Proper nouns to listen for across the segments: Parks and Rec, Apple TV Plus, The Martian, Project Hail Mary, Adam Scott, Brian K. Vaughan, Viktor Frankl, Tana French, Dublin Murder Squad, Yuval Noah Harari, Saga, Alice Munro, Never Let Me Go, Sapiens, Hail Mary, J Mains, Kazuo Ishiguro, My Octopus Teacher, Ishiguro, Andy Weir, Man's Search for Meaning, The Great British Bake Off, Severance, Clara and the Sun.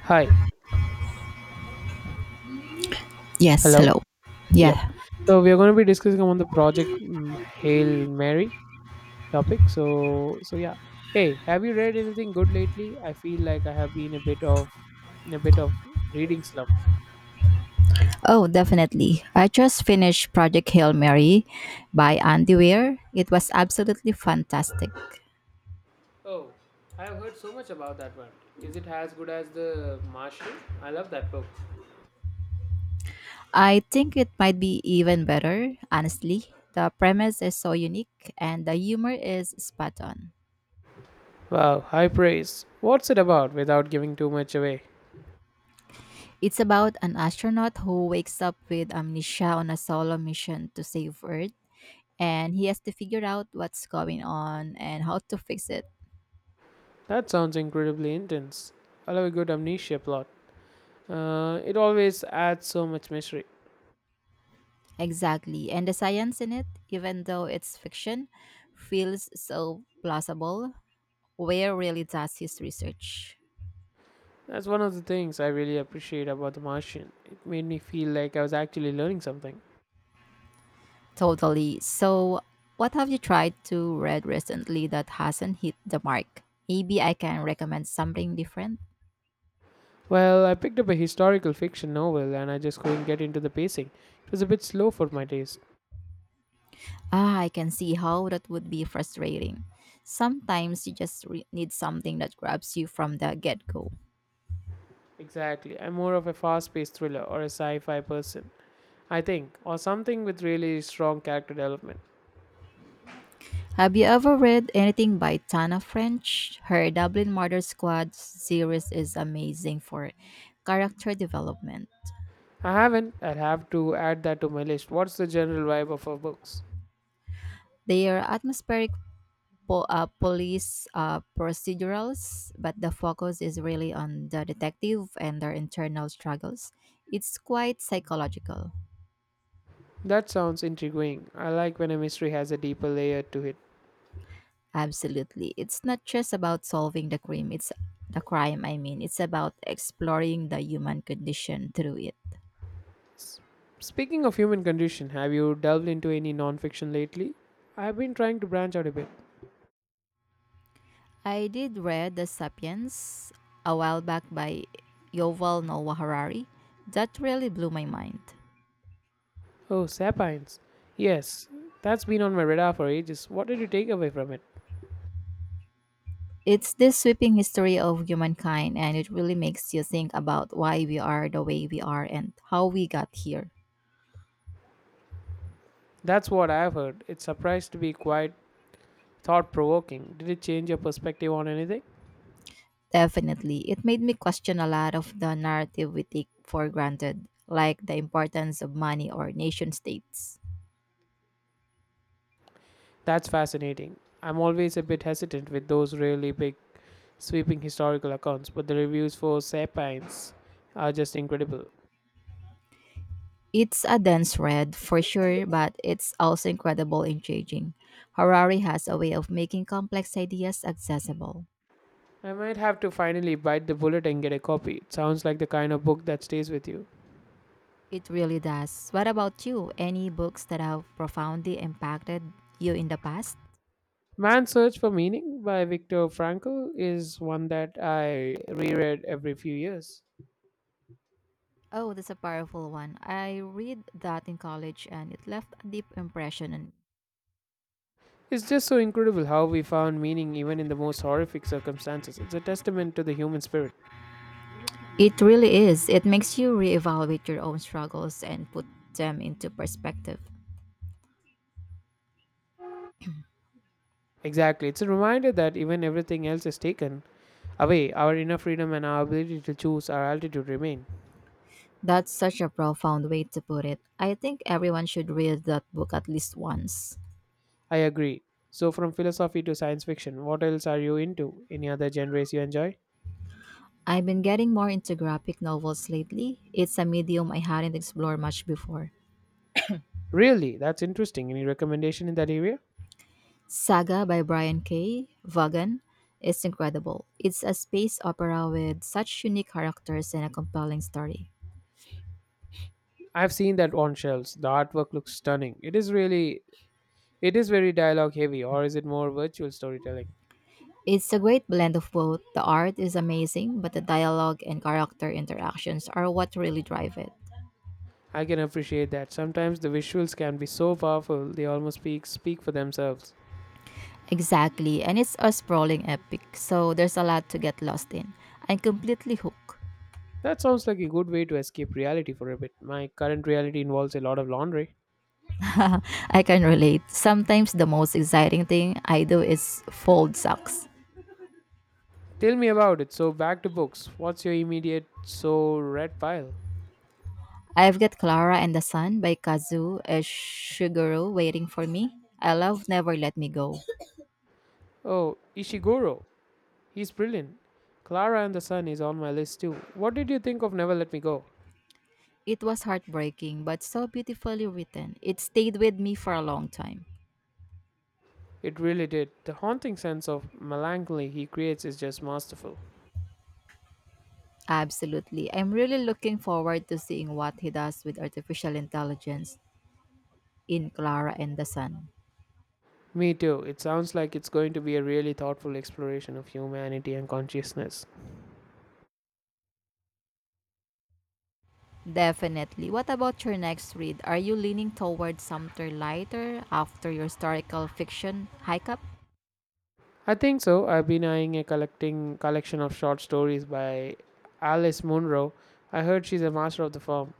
Hi. Yes, Hello. hello. Yep. Yeah. So we are going to be discussing on the project Hail Mary topic. So yeah. Hey, have you read anything good lately? I feel like I have been a bit of in a bit of reading slump. Oh, definitely. I just finished Project Hail Mary by Andy Weir. It was absolutely fantastic. Oh, I have heard so much about that one. Is it as good as The Martian? I love that book. I think it might be even better, honestly. The premise is so unique and the humor is spot on. Wow, high praise. What's it about without giving too much away? It's about an astronaut who wakes up with amnesia on a solo mission to save Earth, and he has to figure out what's going on and how to fix it. That sounds incredibly intense. I love a good amnesia plot. It always adds so much mystery. Exactly. And the science in it, even though it's fiction, feels so plausible. Where really does his research? That's one of the things I really appreciate about The Martian. It made me feel like I was actually learning something. Totally. So, what have you tried to read recently that hasn't hit the mark? Maybe I can recommend something different. Well, I picked up a historical fiction novel and I just couldn't get into the pacing. It was a bit slow for my taste. Ah, I can see how that would be frustrating. Sometimes you just need something that grabs you from the get go. Exactly. I'm more of a fast paced thriller or a sci fi person, I think, or something with really strong character development. Have you ever read anything by Tana French? Her Dublin Murder Squad series is amazing for character development. I haven't. I'll have to add that to my list. What's the general vibe of her books? They are atmospheric police procedurals, but the focus is really on the detective and their internal struggles. It's quite psychological. That sounds intriguing. I like when a mystery has a deeper layer to it. Absolutely. It's not just about solving the crime, I mean, it's about exploring the human condition through it. S- Speaking of human condition, have you delved into any nonfiction lately? I've been trying to branch out a bit. I did read The Sapiens a while back by Yoval Noah Harari. That really blew my mind. Oh, Sapiens. Yes, that's been on my radar for ages. What did you take away from it? It's this sweeping history of humankind and it really makes you think about why we are the way we are and how we got here. That's what I've heard. It's surprised to be quite thought provoking. Did it change your perspective on anything? Definitely. It made me question a lot of the narrative we take for granted, like the importance of money or nation states. That's fascinating. I'm always a bit hesitant with those really big, sweeping historical accounts, but the reviews for Sapiens are just incredible. It's a dense read for sure, but it's also incredible and changing. Harari has a way of making complex ideas accessible. I might have to finally bite the bullet and get a copy. It sounds like the kind of book that stays with you. It really does. What about you? Any books that have profoundly impacted you in the past? Man's Search for Meaning by Viktor Frankl is one that I reread every few years. Oh, that's a powerful one. I read that in college and it left a deep impression on me. It's just so incredible how we found meaning even in the most horrific circumstances. It's a testament to the human spirit. It really is. It makes you reevaluate your own struggles and put them into perspective. Exactly. It's a reminder that even everything else is taken away, our inner freedom and our ability to choose our altitude remain. That's such a profound way to put it. I think everyone should read that book at least once. I agree. So, from philosophy to science fiction, what else are you into? Any other genres you enjoy? I've been getting more into graphic novels lately. It's a medium I hadn't explored much before. Really? That's interesting. Any recommendation in that area? Saga by Brian K. Vaughan is incredible. It's a space opera with such unique characters and a compelling story. I've seen that on shelves. The artwork looks stunning. It is very dialogue heavy, or is it more virtual storytelling? It's a great blend of both. The art is amazing, but the dialogue and character interactions are what really drive it. I can appreciate that. Sometimes the visuals can be so powerful they almost speak for themselves. Exactly, and it's a sprawling epic, so there's a lot to get lost in. I'm completely hooked. That sounds like a good way to escape reality for a bit. My current reality involves a lot of laundry. I can relate. Sometimes the most exciting thing I do is fold socks. Tell me about it. So back to books. What's your immediate so red pile? I've got Clara and the Sun by Kazu Ishiguro waiting for me. I love Never Let Me Go. Oh, Ishiguro. He's brilliant. Clara and the Sun is on my list too. What did you think of Never Let Me Go? It was heartbreaking, but so beautifully written. It stayed with me for a long time. It really did. The haunting sense of melancholy he creates is just masterful. Absolutely. I'm really looking forward to seeing what he does with artificial intelligence in Clara and the Sun. Me too. It sounds like it's going to be a really thoughtful exploration of humanity and consciousness. Definitely. What about your next read? Are you leaning towards something lighter after your historical fiction hike up? I think so. I've been eyeing a collecting collection of short stories by Alice Munro. I heard she's a master of the form.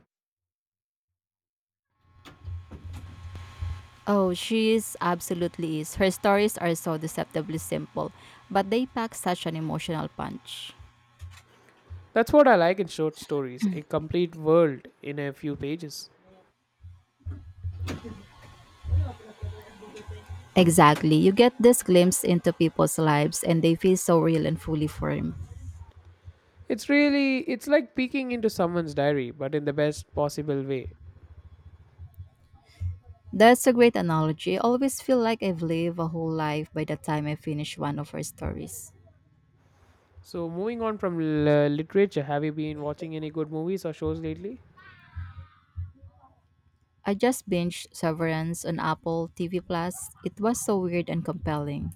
Oh, she is absolutely is. Her stories are so deceptively simple, but they pack such an emotional punch. That's what I like in short stories, a complete world in a few pages. Exactly. You get this glimpse into people's lives and they feel so real and fully formed. It's like peeking into someone's diary, but in the best possible way. That's a great analogy. I always feel like I've lived a whole life by the time I finish one of her stories. So, moving on from literature, have you been watching any good movies or shows lately? I just binged Severance on Apple TV Plus. It was so weird and compelling.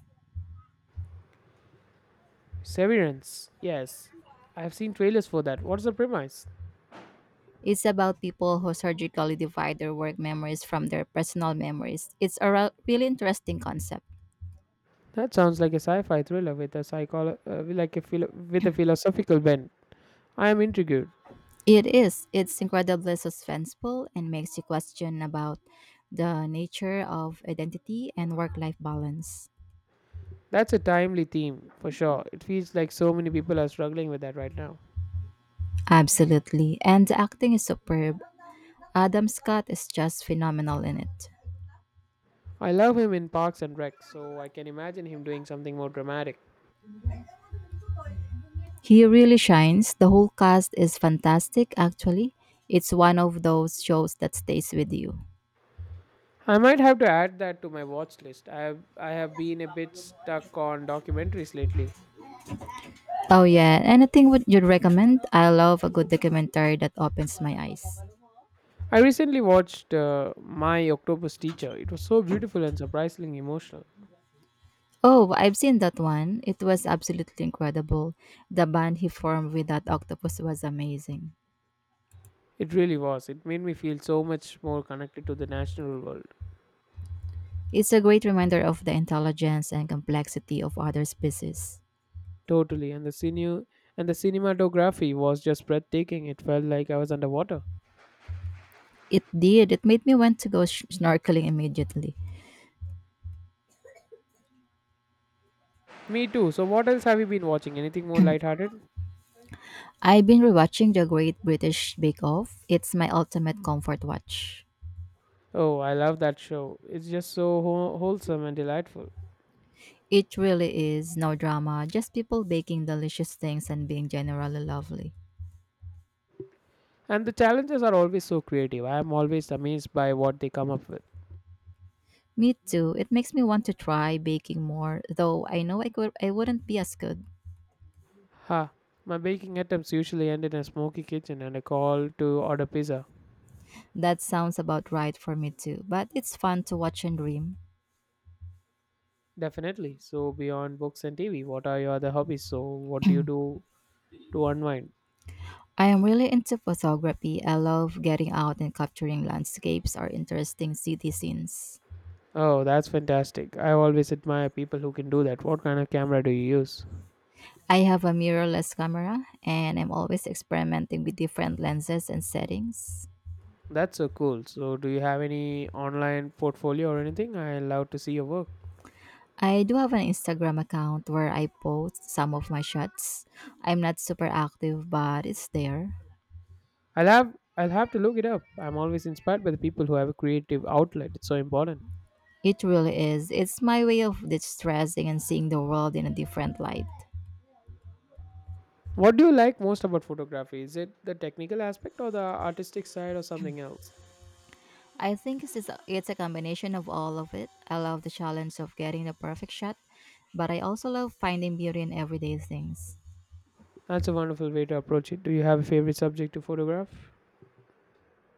Severance. Yes. I have seen trailers for that. What's the premise? It's about people who surgically divide their work memories from their personal memories. It's a really interesting concept. That sounds like a sci-fi thriller with a philosophical bent. I am intrigued. It is. It's incredibly suspenseful and makes you question about the nature of identity and work-life balance. That's a timely theme for sure. It feels like so many people are struggling with that right now. Absolutely. And the acting is superb. Adam Scott is just phenomenal in it. I love him in Parks and Rec, so I can imagine him doing something more dramatic. He really shines. The whole cast is fantastic, actually. It's one of those shows that stays with you. I might have to add that to my watch list. I have been a bit stuck on documentaries lately. Oh, yeah. Anything would you'd recommend? I love a good documentary that opens my eyes. I recently watched My Octopus Teacher. It was so beautiful and surprisingly emotional. Oh, I've seen that one. It was absolutely incredible. The band he formed with that octopus was amazing. It really was. It made me feel so much more connected to the natural world. It's a great reminder of the intelligence and complexity of other species. Totally. And the cinematography was just breathtaking. It felt like I was underwater. It did. It made me want to go snorkeling immediately. Me too. So what else have you been watching? Anything more lighthearted? I've been rewatching The Great British Bake Off. It's my ultimate comfort watch. Oh, I love that show. It's just so wholesome and delightful. It really is no drama, just people baking delicious things and being generally lovely. And the challenges are always so creative. I am always amazed by what they come up with. Me too. It makes me want to try baking more, though I know I could I wouldn't be as good. Ha, my baking attempts usually end in a smoky kitchen and a call to order pizza. That sounds about right for me too, but it's fun to watch and dream. Definitely. So, beyond books and TV, what are your other hobbies? So, what do you do to unwind? I am really into photography. I love getting out and capturing landscapes or interesting city scenes. Oh, that's fantastic. I always admire people who can do that. What kind of camera do you use? I have a mirrorless camera and I'm always experimenting with different lenses and settings. That's so cool. So, do you have any online portfolio or anything? I love to see your work. I do have an Instagram account where I post some of my shots. I'm not super active, but it's there. I'll have to look it up. I'm always inspired by the people who have a creative outlet. It's so important. It really is. It's my way of distressing and seeing the world in a different light. What do you like most about photography? Is it the technical aspect or the artistic side or something else? I think it's a combination of all of it. I love the challenge of getting the perfect shot, but I also love finding beauty in everyday things. That's a wonderful way to approach it. Do you have a favorite subject to photograph?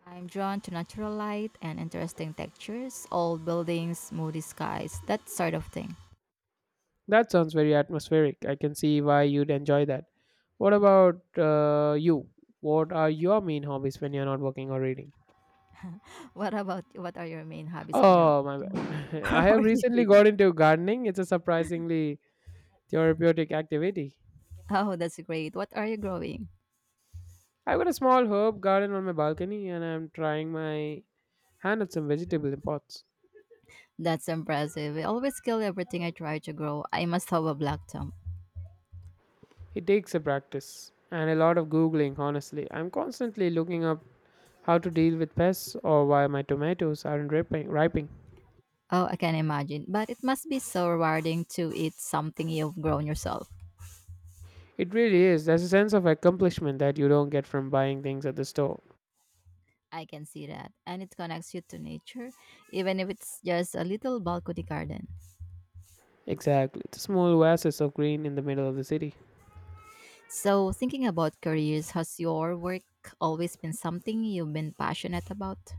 I'm drawn to natural light and interesting textures, old buildings, moody skies, that sort of thing. That sounds very atmospheric. I can see why you'd enjoy that. What about you? What are your main hobbies when you're not working or reading? What about what are your main hobbies when you're Oh, my working bad. I or have or recently reading? got into gardening. It's a surprisingly therapeutic activity. Oh, that's great. What are you growing? I've got a small herb garden on my balcony and I'm trying my hand at some vegetable pots. That's impressive. I always kill everything I try to grow. I must have a black thumb. It takes a practice and a lot of googling, honestly. I'm constantly looking up how to deal with pests or why my tomatoes aren't ripening. Oh, I can imagine. But it must be so rewarding to eat something you've grown yourself. It really is. There's a sense of accomplishment that you don't get from buying things at the store. I can see that. And it connects you to nature, even if it's just a little balcony garden. Exactly. The small oasis of green in the middle of the city. So, thinking about careers, has your work always been something you've been passionate about?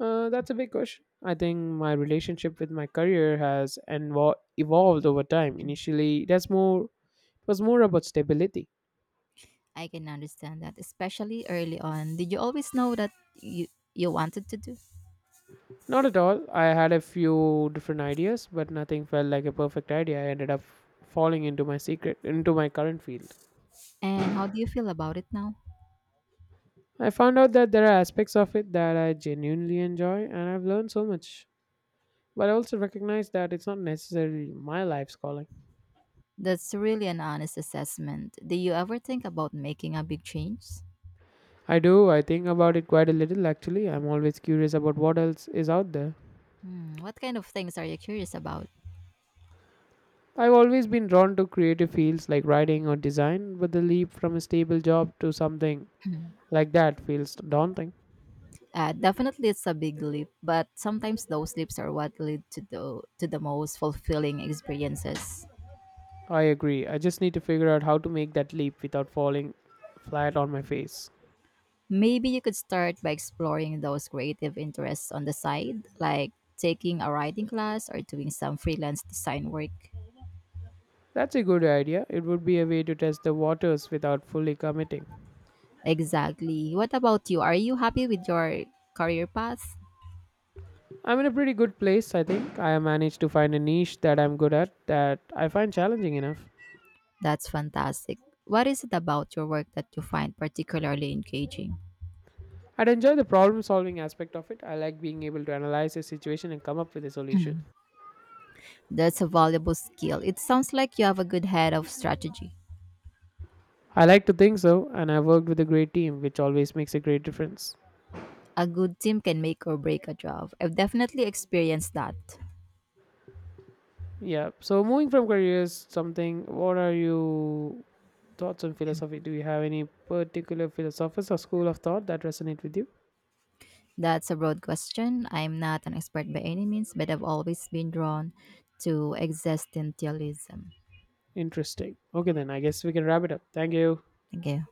That's a big question. I think my relationship with my career has evolved over time. Initially, that's more it was more about stability. I can understand that, especially early on. Did you always know that you, you wanted to do? Not at all. I had a few different ideas, but nothing felt like a perfect idea. I ended up falling into my current field. And how do you feel about it now? I found out that there are aspects of it that I genuinely enjoy, and I've learned so much. But I also recognize that it's not necessarily my life's calling. That's really an honest assessment. Do you ever think about making a big change? I do, I think about it quite a little actually. I'm always curious about what else is out there. Hmm, what kind of things are you curious about? I've always been drawn to creative fields like writing or design, but the leap from a stable job to something like that feels daunting. Definitely, it's a big leap, but sometimes those leaps are what lead to the most fulfilling experiences. I agree. I just need to figure out how to make that leap without falling flat on my face. Maybe you could start by exploring those creative interests on the side, like taking a writing class or doing some freelance design work. That's a good idea. It would be a way to test the waters without fully committing. Exactly. What about you? Are you happy with your career path? I'm in a pretty good place, I think. I have managed to find a niche that I'm good at that I find challenging enough. That's fantastic. What is it about your work that you find particularly engaging? I'd enjoy the problem solving aspect of it. I like being able to analyze a situation and come up with a solution. That's a valuable skill. It sounds like you have a good head of strategy. I like to think so, and I've worked with a great team, which always makes a great difference. A good team can make or break a job. I've definitely experienced that. Yeah. So moving from careers, something. What are you thoughts on philosophy? Do you have any particular philosophers or school of thought that resonate with you? That's a broad question. I'm not an expert by any means, but I've always been drawn to existentialism. Interesting. Okay, then I guess we can wrap it up. Thank you. Okay.